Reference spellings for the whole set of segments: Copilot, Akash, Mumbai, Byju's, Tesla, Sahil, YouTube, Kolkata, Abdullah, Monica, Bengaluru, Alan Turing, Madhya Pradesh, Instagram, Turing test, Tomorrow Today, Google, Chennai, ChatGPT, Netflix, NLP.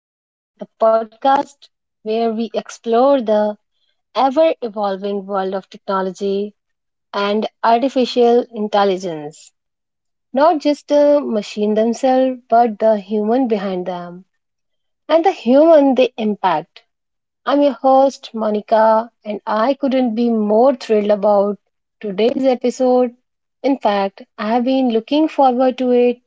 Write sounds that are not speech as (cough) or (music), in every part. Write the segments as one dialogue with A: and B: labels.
A: Today, the podcast where we explore the ever evolving world of technology and artificial intelligence. Not just the machine themselves, but the human behind them and the human they impact. I'm your host, Monica, and I couldn't be more thrilled about today's episode. In fact, I have been looking forward to it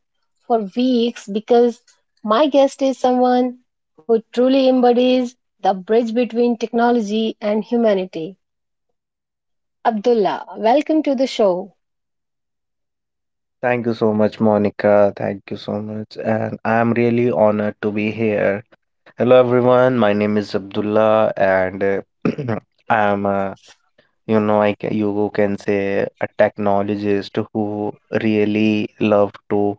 A: for weeks because my guest is someone who truly embodies the bridge between technology and humanity. Abdullah, welcome to the show.
B: Thank you so much, Monica. Thank you so much. And I'm really honored to be here. Hello, everyone. My name is Abdullah, and (clears throat) I'm, a, you know, I, ca- you can say a technologist who really love to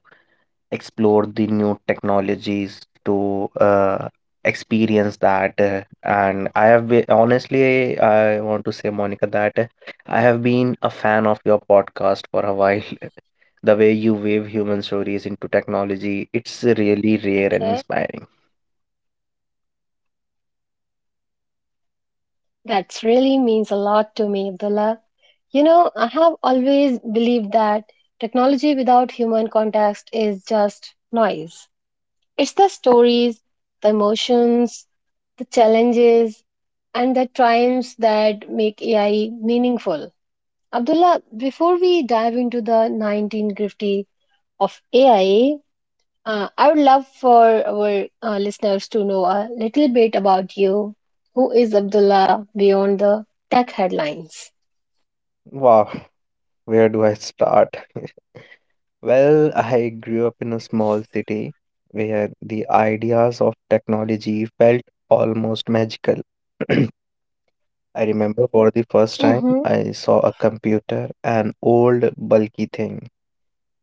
B: explore the new technologies to experience that. And I have been, honestly, I want to say, Monica, that I have been a fan of your podcast for a while. (laughs) The way you weave human stories into technology,
A: Okay,
B: it's really rare and inspiring.
A: that really means a lot to me, Abdullah. You know, I have always believed that technology without human context is just noise. It's the stories, the emotions, the challenges, and the triumphs that make AI meaningful. Abdullah, before we dive into the 19 grifty of AIA, I would love for our listeners to know a little bit about you. Who is Abdullah beyond the tech headlines?
B: Wow, where do I start? (laughs) Well, I grew up in a small city where the ideas of technology felt almost magical. (clears throat) I remember for the first time
A: Mm-hmm.
B: I saw a computer, an old bulky thing,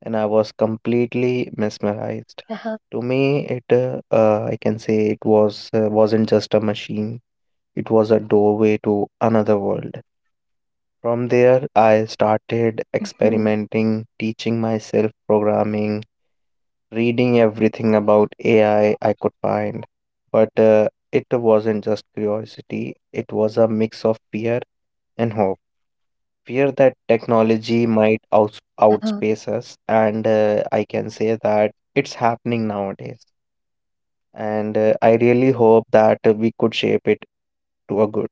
B: and I was completely mesmerized.
A: Uh-huh.
B: To me, it I can say it was wasn't just a machine. It was a doorway to another world. From there, I started
A: Mm-hmm.
B: experimenting, teaching myself programming, reading everything about AI I could find. But it wasn't just curiosity, it was a mix of fear and hope. Fear that technology might outs
A: Uh-huh.
B: outspace us, and I can say that it's happening nowadays. And I really hope that we could shape it to a good.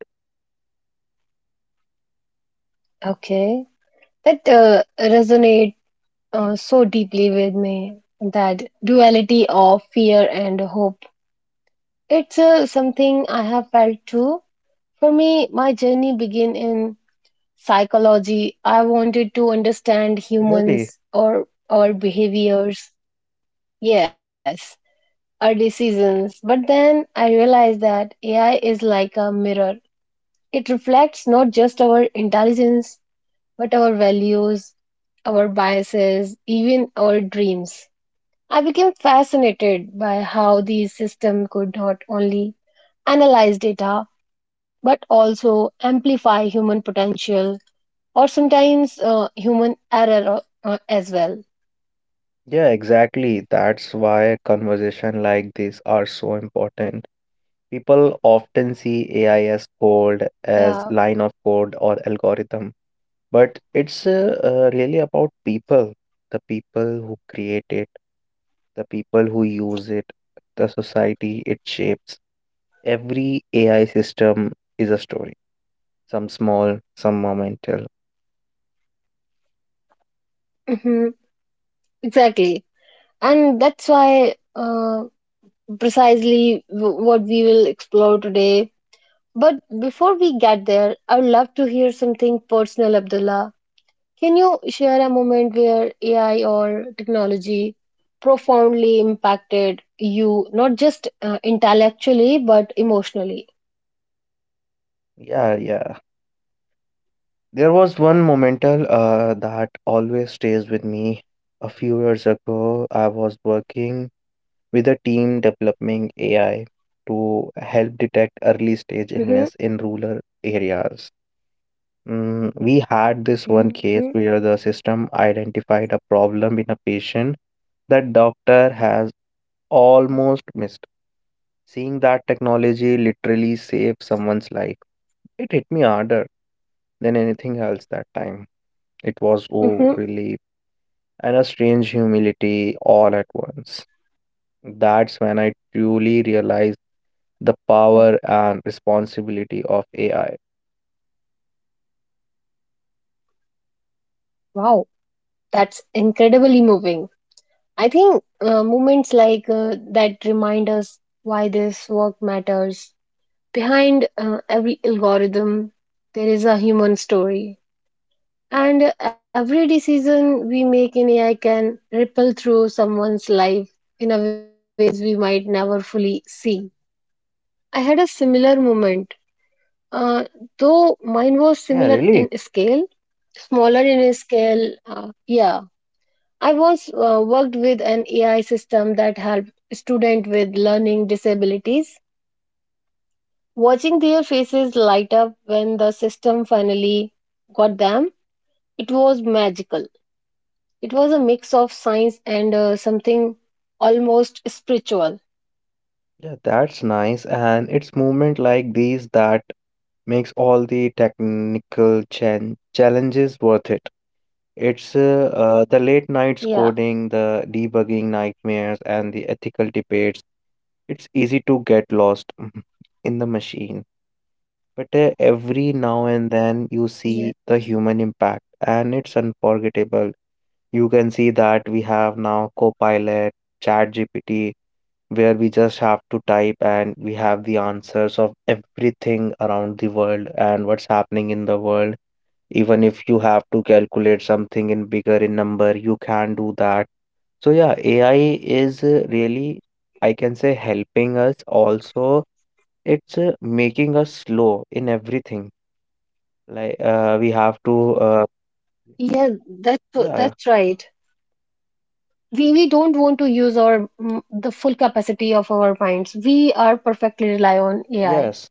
A: Okay. That resonate so deeply with me, that duality of fear and hope. It's something I have felt too. For me, my journey began in psychology. I wanted to understand
B: Really?
A: humans or our behaviors. Yes, our decisions. But then I realized that AI is like a mirror. It reflects not just our intelligence, but our values, our biases, even our dreams. I became fascinated by how these systems could not only analyze data but also amplify human potential or sometimes human error as well.
B: Yeah, exactly. That's why conversation like this are so important. People often see AI as code, as
A: Yeah,
B: line of code or algorithm, but it's really about people, the people who create it. The people who use it, the society it shapes. Every AI system is a story, some small, some momental.
A: hmm exactly. And that's why precisely what we will explore today. But before we get there, I would love to hear something personal, Abdullah. Can you share a moment where AI or technology profoundly impacted you, not just intellectually, but emotionally?
B: Yeah, yeah. There was one momental that always stays with me. A few years ago, I was working with a team developing AI to help detect early stage
A: Mm-hmm.
B: illness in rural areas. We had this one
A: Mm-hmm.
B: case where the system identified a problem in a patient that doctor has almost missed. Seeing that technology literally saved someone's life, it hit me harder than anything else that time. It
A: Mm-hmm.
B: was oh relief and a strange humility all at once. That's when I truly realized the power and responsibility of AI.
A: Wow, that's incredibly moving. I think moments like that remind us why this work matters. Behind every algorithm, there is a human story. And every decision we make in AI can ripple through someone's life in a ways we might never fully see. I had a similar moment, uh, though mine was
B: Yeah,
A: similar
B: really.
A: in scale, smaller in scale. Yeah, I once worked with an AI system that helped students with learning disabilities. Watching their faces light up when the system finally got them, it was magical. It was a mix of science and something almost spiritual.
B: Yeah, that's nice. And it's movement like these that makes all the technical chan challenges worth it. It's the late nights
A: Yeah,
B: coding, the debugging nightmares, and the ethical debates. It's easy to get lost (laughs) in the machine. But every now and then you see
A: yeah,
B: the human impact, and it's unforgettable. You can see that we have now Copilot, ChatGPT, where we just have to type and we have the answers of everything around the world and what's happening in the world. Even if you have to calculate something in bigger in number, you can do that. So yeah, AI is really, I can say, helping us. Also, it's making us slow in everything. Like we have to,
A: yeah. That's
B: yeah, yeah,
A: that's right. We don't want to use our the full capacity of our minds. We are perfectly rely on AI.
B: yes.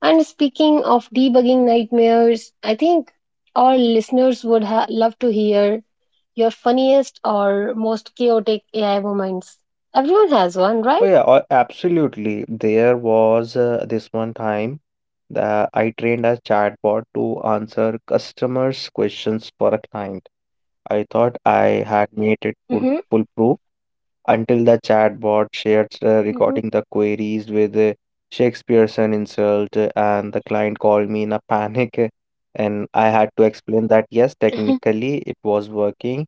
A: And speaking of debugging nightmares, I think our listeners would love to hear your funniest or most chaotic AI moments. Everyone has one,
B: Oh
A: right?
B: yeah, absolutely. There was this one time that I trained a chatbot to answer customers' questions for a client. I thought I had made it full
A: Hmm.
B: foolproof until the chatbot shared recording
A: Hmm.
B: the queries with Shakespearean insult, and the client called me in a (laughs) panic, and I had to explain that yes,
A: (laughs)
B: technically it was working,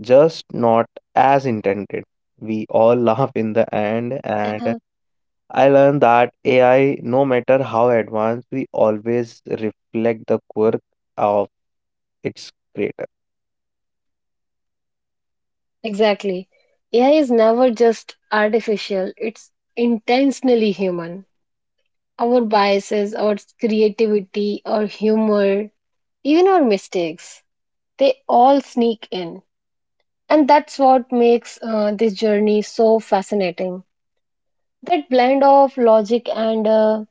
B: just not as intended. We all (laughs) laugh in the end, and
A: Uh-huh.
B: I learned that AI, no matter how advanced, we always reflect the quirk of its creator.
A: Exactly. AI is never just artificial, it's intentionally human. Our biases, our creativity, our humor, even our mistakes, they all sneak in. And that's what makes this journey so fascinating. That blend of logic and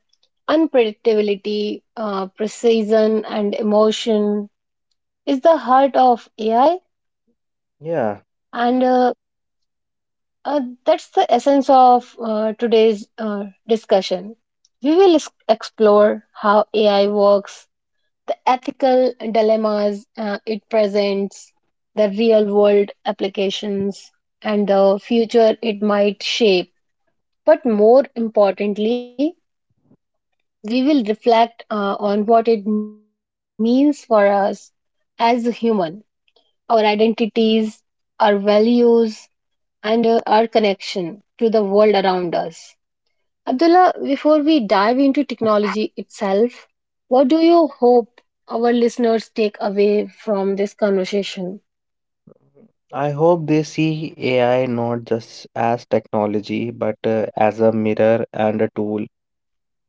A: unpredictability, precision and emotion is the heart of AI,
B: Yeah,
A: and that's the essence of today's discussion. We will explore how AI works, the ethical dilemmas it presents, the real world applications, and the future it might shape. But more importantly, we will reflect on what it means for us as a human, our identities, our values, and our connection to the world around us. Abdullah, before we dive into technology itself, what do you hope our listeners take away from this conversation?
B: I hope they see AI not just as technology, but as a mirror and a tool,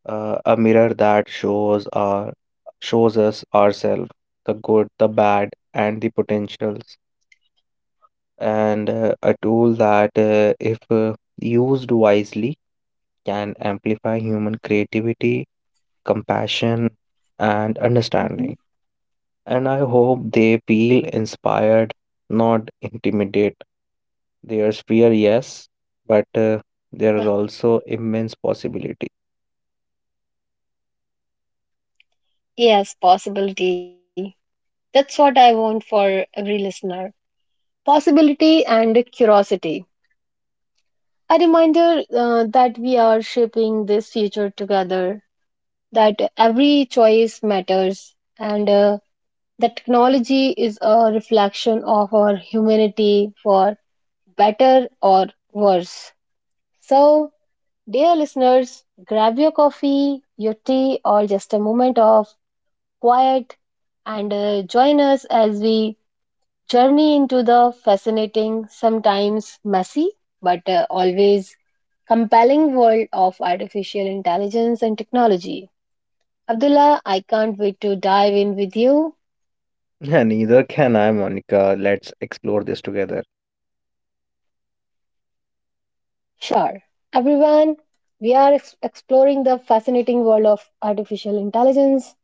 B: a mirror that shows us ourselves, the good, the bad, and the potentials, and a tool that, if used wisely, can amplify human creativity, compassion, and
A: Mhm.
B: understanding. And I hope they feel inspired, not intimidate. There's fear, yes, but there
A: Uh,
B: is also immense possibility. (laughs)
A: Yes, possibility. That's what I want for every listener. Possibility and curiosity. A reminder that we are shaping this future together, that every choice matters, and that technology is a reflection of our humanity for better or worse. So, dear listeners, grab your coffee, your tea, or just a moment of quiet and join us as we journey into the fascinating, sometimes messy, but always compelling world of artificial intelligence and technology. Abdullah, I can't wait to dive in with you.
B: Yeah, neither can I, Monica. Let's explore this together.
A: Sure. Everyone, we are exploring the fascinating world of artificial intelligence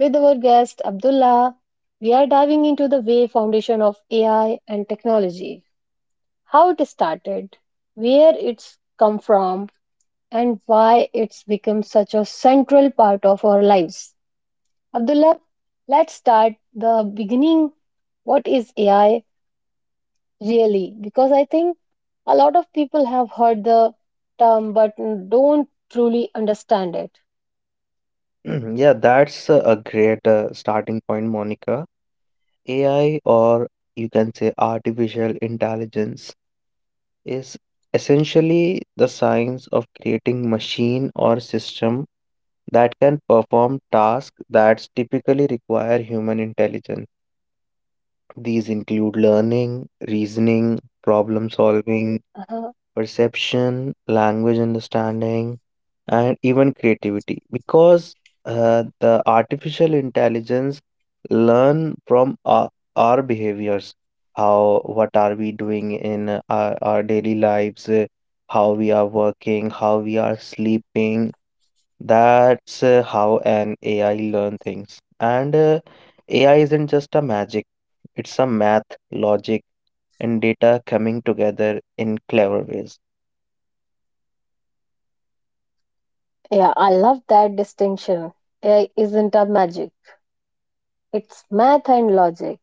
A: with our guest Abdullah. We are diving into the way foundation of AI and technology, how it started, where it's come from, and why it's become such a central part of our lives. Abdullah, let's start the beginning what is AI really? Because I think a lot of people have heard the term but don't truly understand it.
B: (clears throat) Yeah, that's a great starting point, Monica. AI, or you can say artificial intelligence, is essentially the science of creating machine or system that can perform tasks that typically require human intelligence. These include learning, reasoning, problem solving,
A: Uh-huh.
B: perception, language understanding, and even creativity, because the artificial intelligence learn from our behaviors, how what are we doing in our daily lives, how we are working, how we are sleeping. That's how an AI learn things. And AI isn't just a magic. It's a math logic and data coming together in clever ways.
A: Yeah, I love that distinction. AI isn't a magic, it's math and logic.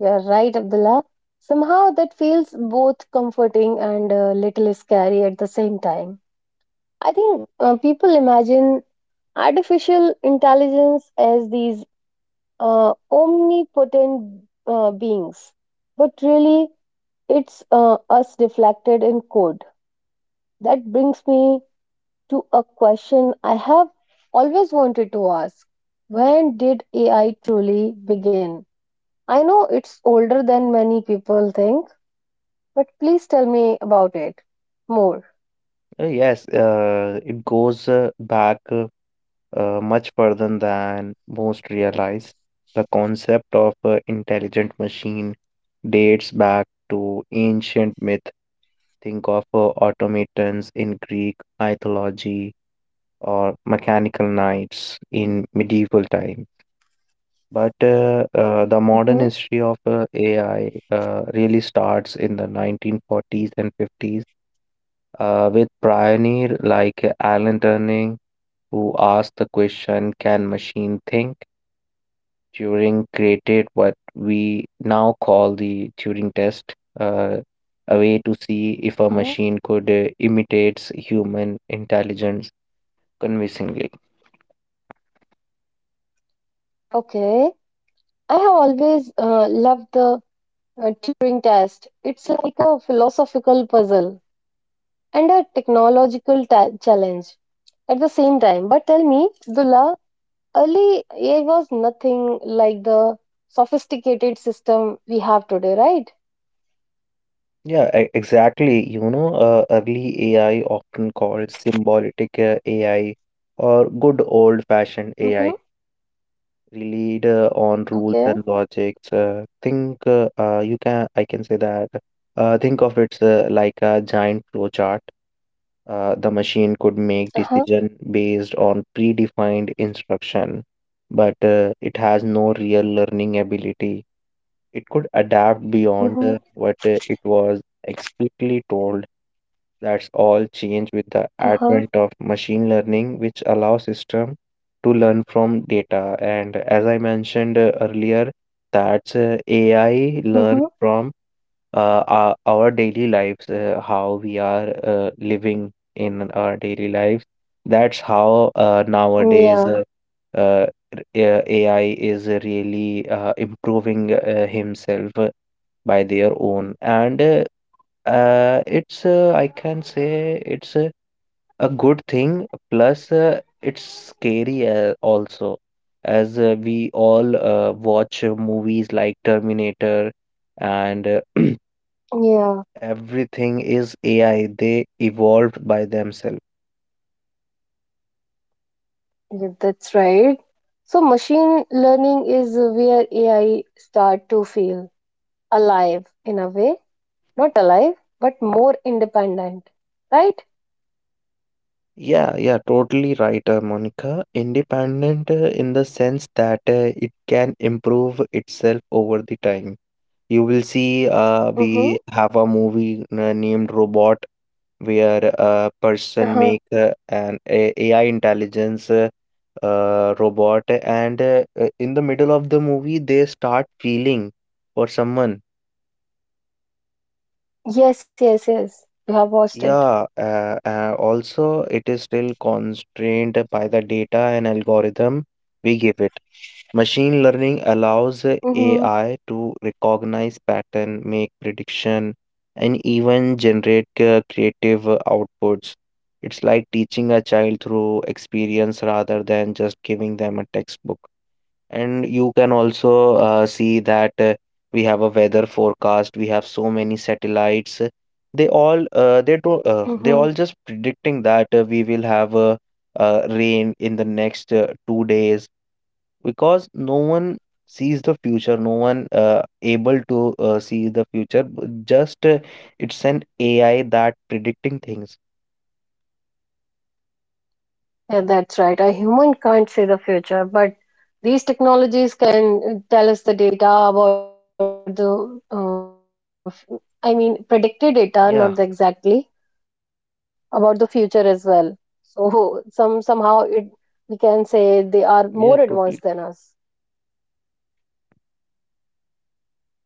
A: You're right, Abdullah. Somehow that feels both comforting and a little scary at the same time. I think people imagine artificial intelligence as these omnipotent beings, but really it's us reflected in code. That brings me to a question I have always wanted to ask. When did AI truly begin? I know it's older than many people think, but please tell me about it more.
B: Yes, it goes back much further than most realize. The concept of intelligent machine dates back to ancient myth. Think of automatons in Greek mythology or mechanical knights in medieval time. But the modern
A: Hmm.
B: history of AI really starts in the 1940s and 50s with pioneer like Alan Turing, who asked the question, can machine think? Turing created what we now call the Turing test, a way to see if a
A: Hmm.
B: machine could imitate human intelligence convincingly.
A: Okay. I have always loved the a Turing test. It's like a philosophical puzzle and a technological challenge at the same time. But tell me, Dula, early AI was nothing like the sophisticated system we have today, right?
B: Yeah, exactly. You know, early AI, often called symbolic AI or good old fashioned AI,
A: Mm-hmm.
B: relied on rules and
A: Okay.
B: logics. Think, you can, I can say that, think of it like a giant flowchart. The machine could make
A: Uh-huh.
B: decision based on predefined instruction, but it has no real learning ability. It could adapt beyond
A: Mm-hmm.
B: what it was explicitly told. That's all changed with the
A: Uh-huh.
B: advent of machine learning, which allows system to learn from data. And as I mentioned earlier, that's AI
A: Mm-hmm.
B: learn from our daily lives, how we are living in our daily lives. That's how nowadays
A: Yeah.
B: uh, AI is really improving himself by their own. And it's I can say it's a good thing. Plus, it's scary also, as we all watch movies like Terminator, and
A: Yeah.
B: (clears throat) everything is AI. They evolved by themselves.
A: Yeah, that's right. So machine learning is where AI start to feel alive in a way. Not alive, but more independent, right?
B: Yeah, yeah, totally right, Monica. Independent in the sense that it can improve itself over the time. You will see,
A: Mm-hmm.
B: we have a movie named Robot, where a person
A: Uh-huh.
B: make an AI intelligence robot, and in the middle of the movie they start feeling for someone.
A: Yes, yes, yes. You have watched it.
B: Yeah, also it is still constrained by the data and algorithm we give it. Machine learning allows
A: Mm-hmm.
B: AI to recognize pattern, make prediction, and even generate creative outputs. It's like teaching a child through experience rather than just giving them a textbook. And you can also see that we have a weather forecast. We have so many satellites. They all uh, they do uh, they
A: Mm-hmm.
B: all just predicting that we will have rain in the next 2 days, because no one sees the future. No one able to see the future. Just, it's an AI that predicting things.
A: Yeah, that's right. A human can't see the future, but these technologies can tell us the data about the, I mean, predicted data, not the exactly,
B: Yeah,
A: about the future as well. So (laughs) somehow it we can say they are more advanced than us.
B: yeah, totally.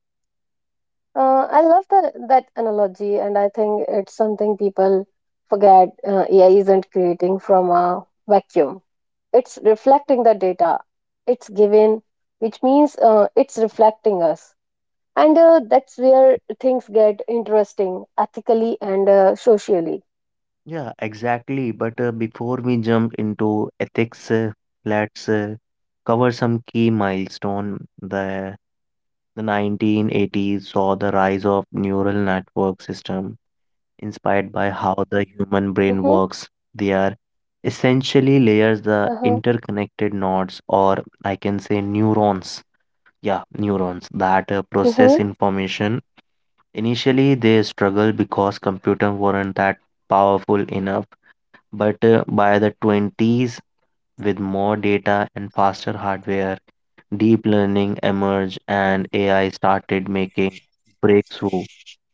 A: I love that analogy, and I think it's something people forget. AI isn't creating from a vacuum; it's reflecting the data it's given, which means it's reflecting us, and that's where things get interesting ethically and socially.
B: Yeah, exactly. But before we jump into ethics, let's cover some key milestone. The the 1980s saw the rise of neural network system inspired by how the human brain
A: Mm-hmm.
B: works. They are essentially layers, the
A: Uh-huh.
B: interconnected nodes, or I can say neurons. Yeah, neurons that process
A: Mm-hmm.
B: information. Initially, they struggled because computers weren't that powerful enough, but by the 20s, with more data and faster hardware, deep learning emerged and AI started making breakthrough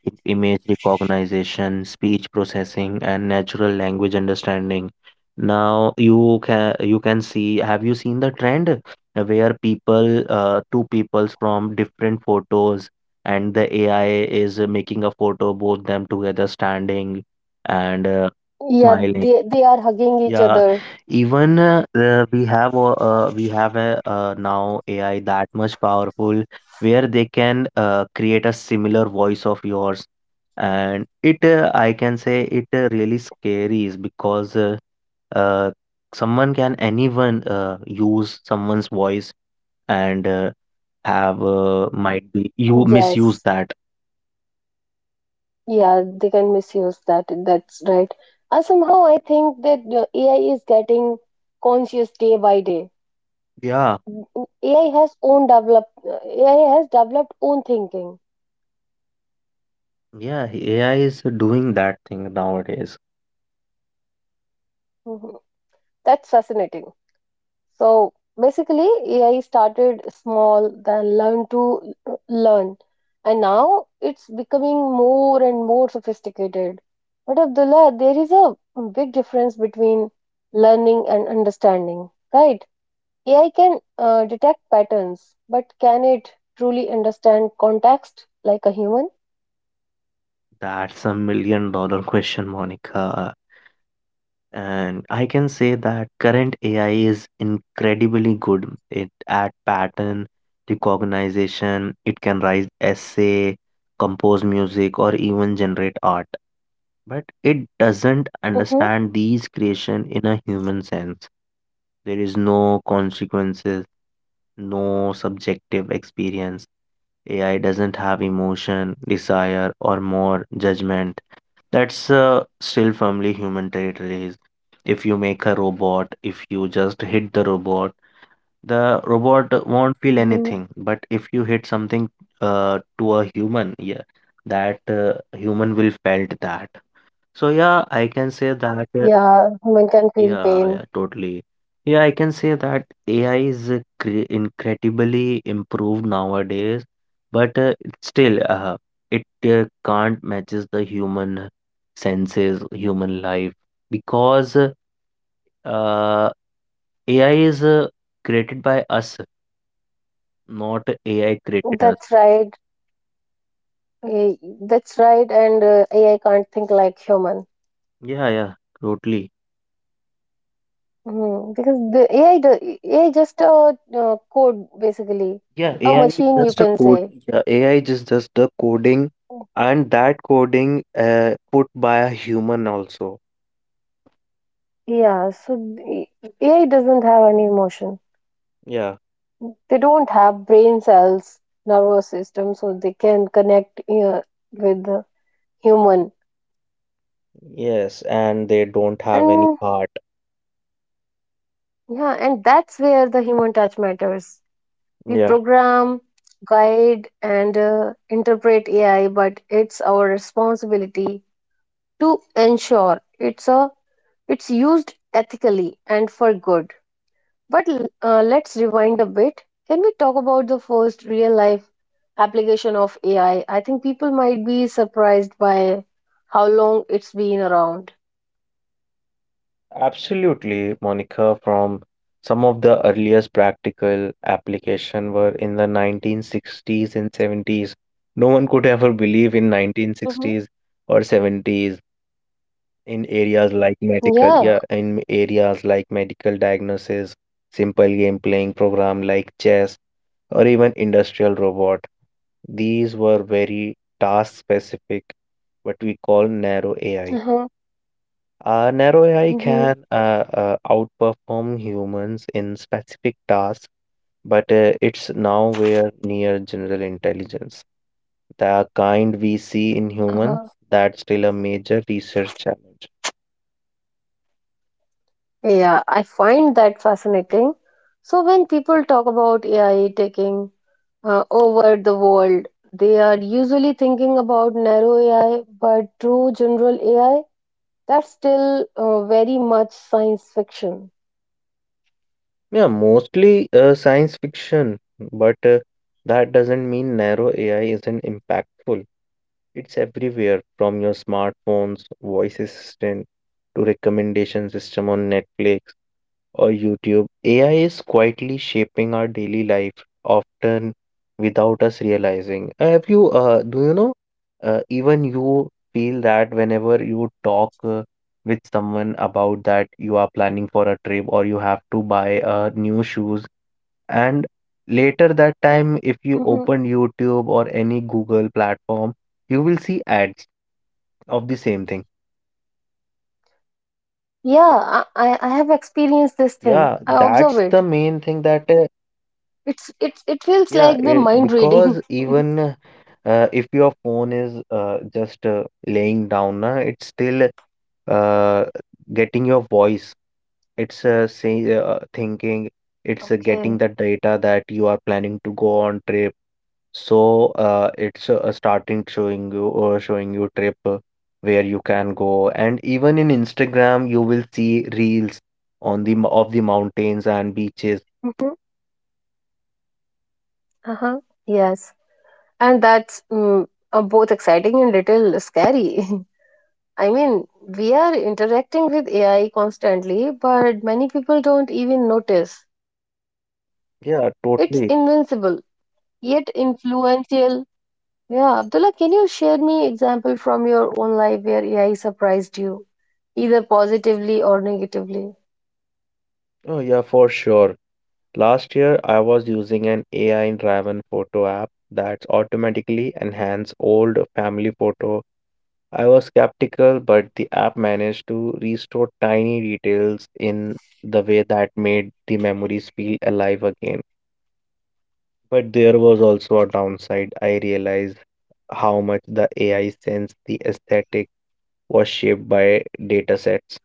B: in image recognition, speech processing, and natural language understanding. Now you can see. Have you seen the trend where people, two peoples from different photos, and the AI is making a photo both them together standing and
A: Yeah,
B: smiling.
A: they are hugging each
B: Yeah,
A: other.
B: even we have a now AI that much powerful, where they can create a similar voice of yours, and it I can say it really scary is because uh, someone can anyone use someone's voice and have might be you misuse
A: Yes.
B: that.
A: Yeah, they can misuse that. That's right. And somehow I think that AI is getting conscious day by day.
B: Yeah,
A: AI has own develop. AI has developed own thinking.
B: yeah, AI is doing that thing nowadays.
A: Mhm. That's fascinating. So basically, AI started small, then learn to learn, and now it's becoming more and more sophisticated. But Abdullah, there is a big difference between learning and understanding, right? AI can detect patterns, but can it truly understand context like a human?
B: That's a million dollar (laughs) question, Monica. And I can say that current AI is incredibly good it, at pattern recognition. It can write essay, compose music, or even generate art. But it doesn't
A: Mm-hmm.
B: understand these creation in a human sense. There is no consequences, no subjective experience. AI doesn't have emotion, desire, or more judgment. That's still firmly human territories. If you make a robot, if you just hit the robot won't feel
A: Hmm.
B: anything. But if you hit something to a human, yeah, that human will felt that. So yeah, I can say that
A: Yeah, human can feel
B: yeah,
A: pain.
B: yeah, totally. Yeah, I can say that AI is incredibly improved nowadays, but it still, it can't matches the human senses, human life, because uh, AI is created by us, not AI created us.
A: That's right. Eh, That's right. And AI can't think like human.
B: Yeah, yeah, totally.
A: Because the AI just a code basically,
B: Yeah,
A: a
B: AI is
A: machine you
B: just a
A: can
B: code.
A: say.
B: Yeah, AI is just a coding, and that coding put by a human also.
A: Yeah. So the AI doesn't have any emotion.
B: Yeah.
A: They don't have brain cells nervous system so they can connect with the human.
B: Yes, and they don't have any
A: And
B: heart.
A: yeah, and that's where the human touch matters. We
B: Yeah,
A: program guide and interpret AI, but it's our responsibility to ensure it's used ethically and for good. But let's rewind a bit. Can we talk about the first real life application of AI? I think people might be surprised by how long it's been around.
B: absolutely, Monica. From some of the earliest practical application were in the 1960s and 70s. No one could ever believe in
A: Mm-hmm.
B: 1960s or 70s, in areas like medical,
A: Yeah.
B: yeah, in areas like medical diagnosis, simple game playing program like chess or even industrial robot. These were very task specific, what we call narrow AI.
A: Uh-huh.
B: Narrow AI
A: Mm-hmm.
B: can outperform humans in specific tasks, but it's nowhere near general intelligence, the kind we see in humans.
A: Uh-huh.
B: That's still a major research challenge.
A: Yeah, I find that fascinating. So when people talk about AI taking over the world, they are usually thinking about narrow AI, but true general AI, that's still very much science fiction.
B: Yeah, mostly science fiction, but that doesn't mean narrow AI isn't impactful. It's everywhere from your smartphone's voice assistant to recommendation system on Netflix or YouTube. AI is quietly shaping our daily life, often without us realizing. Have you, do you know, even you feel that whenever you talk with someone about that you are planning for a trip or you have to buy new shoes, and later that time, if you open
A: hmm
B: YouTube or any Google platform, you will see ads of the same thing.
A: Yeah, I have experienced this
B: Yeah,
A: thing. I
B: that's
A: observe
B: the
A: it.
B: main thing that,
A: It feels
B: yeah,
A: like the mind
B: because
A: reading.
B: even if your phone is just laying down na, it's still uh, getting your voice. Thinking it's
A: (laughs)
B: getting the
A: Okay.
B: data that you are planning to go on trip, so it's starting showing you or showing you trip where you can go. And even in Instagram you will see reels of the mountains and beaches.
A: Mhm. Uh-huh. Yes. And that's both exciting and little scary. (laughs) I mean, we are interacting with AI constantly, but many people don't even notice. It's
B: Yeah, totally.
A: invincible, yet influential. Yeah, Abdullah, can you share me example from your own life where AI surprised you, either positively or negatively?
B: Oh yeah, for sure. Last year, I was using an AI driven photo app that automatically enhances old family photo. I was skeptical, but the app managed to restore tiny details in the way that made the memories feel alive again. But there was also a downside. I realized how much the AI sense the aesthetic was shaped by datasets.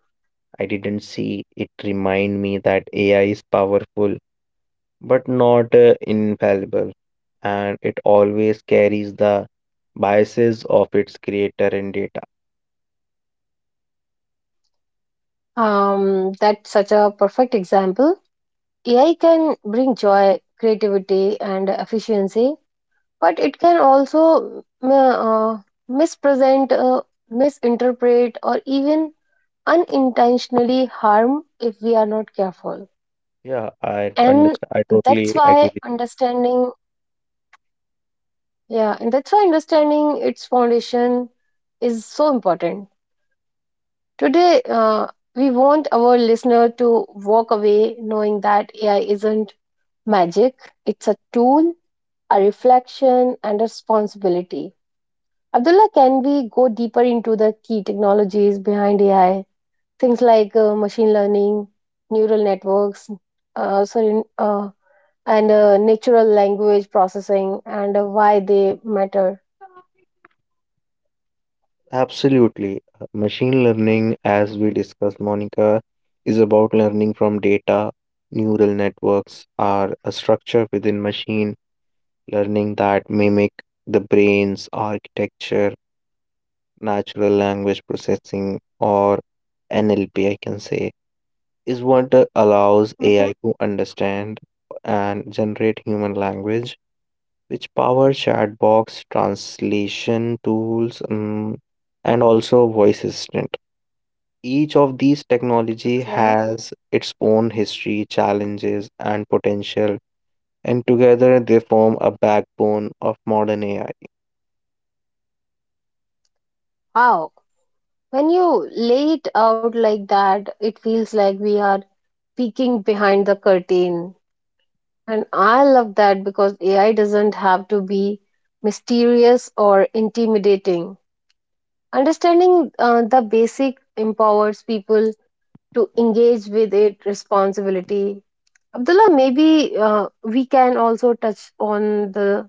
B: I didn't see it remind me that AI is powerful but not infallible, and it always carries the biases of its creator and data.
A: That's such a perfect example. AI can bring joy, creativity, and efficiency, but it can also mispresent, misinterpret, or even unintentionally harm if we are not careful.
B: Yeah, I
A: And
B: understand. I
A: that's
B: totally agree
A: why
B: with you.
A: understanding, Yeah, and that's why understanding its foundation is so important. Today, we want our listener to walk away knowing that AI isn't magic, it's a tool a reflection, and a responsibility. Abdullah, can we go deeper into the key technologies behind AI? Things like machine learning, neural networks, sorry, and natural language processing, and why they matter.
B: Absolutely. Machine learning, as we discussed, Monica, is about learning from data. Neural networks are a structure within machine learning that mimic the brain's architecture. Natural language processing, or NLP, I can say, is what allows
A: Hmm.
B: AI to understand and generate human language, which powers chatbots, translation tools, and also voice assistant. Each of these technology
A: Okay.
B: has its own history, challenges, and potential, and together they form a backbone of modern AI.
A: Wow. When you lay it out like that, it feels like we are peeking behind the curtain. And I love that because AI doesn't have to be mysterious or intimidating. Understanding the basic empowers people to engage with it responsibility. Abdullah, maybe we can also touch on the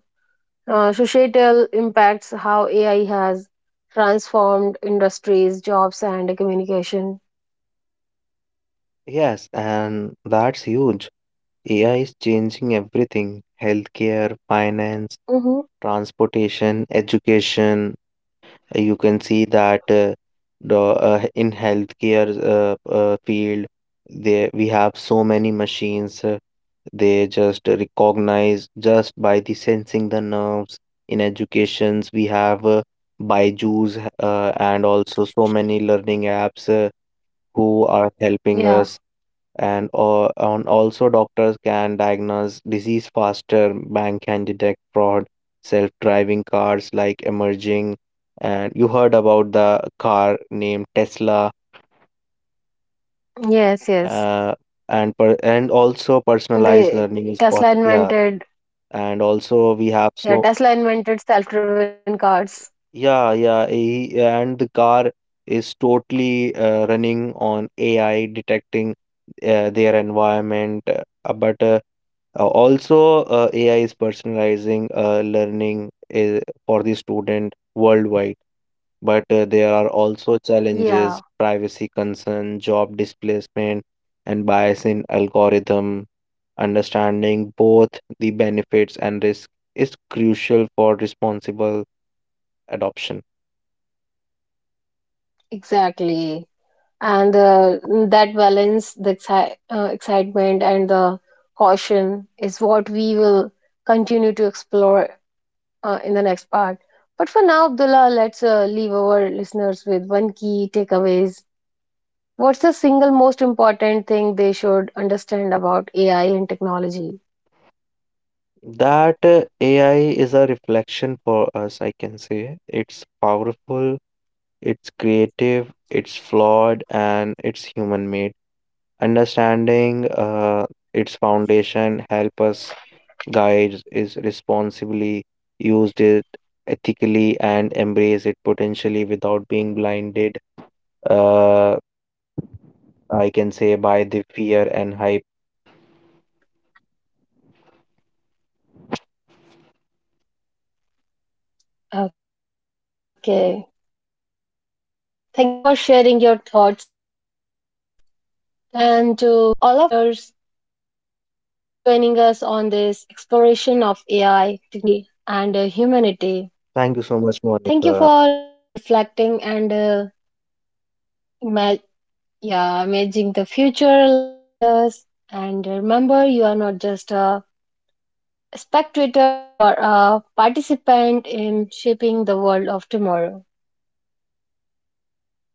A: societal impacts how AI has transformed industries, jobs, and communication.
B: Yes, and that's huge. AI is changing everything: healthcare, finance,
A: Hmm.
B: transportation, education. You can see that the in healthcare field, there we have so many machines. They just recognize just by the sensing the nerves. In educations, we have Byju's and also so many learning apps who are helping
A: Yeah.
B: us, and on also doctors can diagnose disease faster, bank can detect fraud, self-driving cars like emerging. And you heard about the car named Tesla,
A: Yes. Yes.
B: uh, and also personalized
A: The
B: learning is
A: Tesla
B: possible, yeah.
A: invented.
B: And also we have
A: Yeah,
B: so,
A: Tesla invented self-driven cars.
B: yeah, yeah, he, and the car is totally running on AI, detecting their environment, AI is personalizing learning for the student worldwide, but there are also
A: Yeah,
B: challenges, privacy concern, job displacement, and bias in algorithm. Understanding both the benefits and risk is crucial for responsible adoption.
A: exactly. And that balance, the excitement and the caution is what we will continue to explore in the next part. But for now, Abdullah, let's leave our listeners with one key takeaways. What's the single most important thing they should understand about AI and technology?
B: That AI is a reflection for us, I can say. It's powerful, it's creative, it's flawed, and it's human made. Understanding its foundation help us guide is responsibly, used it ethically, and embrace it potentially without being blinded, uh, I can say, by the fear and hype.
A: Okay. Thank you for sharing your thoughts, Abdullah. And to all of our listeners, thank you for joining us on this exploration of AI,
B: Thank you
A: technology,
B: so much,
A: and
B: Monica.
A: humanity. Thank you for listening, reflecting, and ima- yeah, imagining the future alongside us. And remember, you are not just a spectator, you are a participant in shaping the world of tomorrow.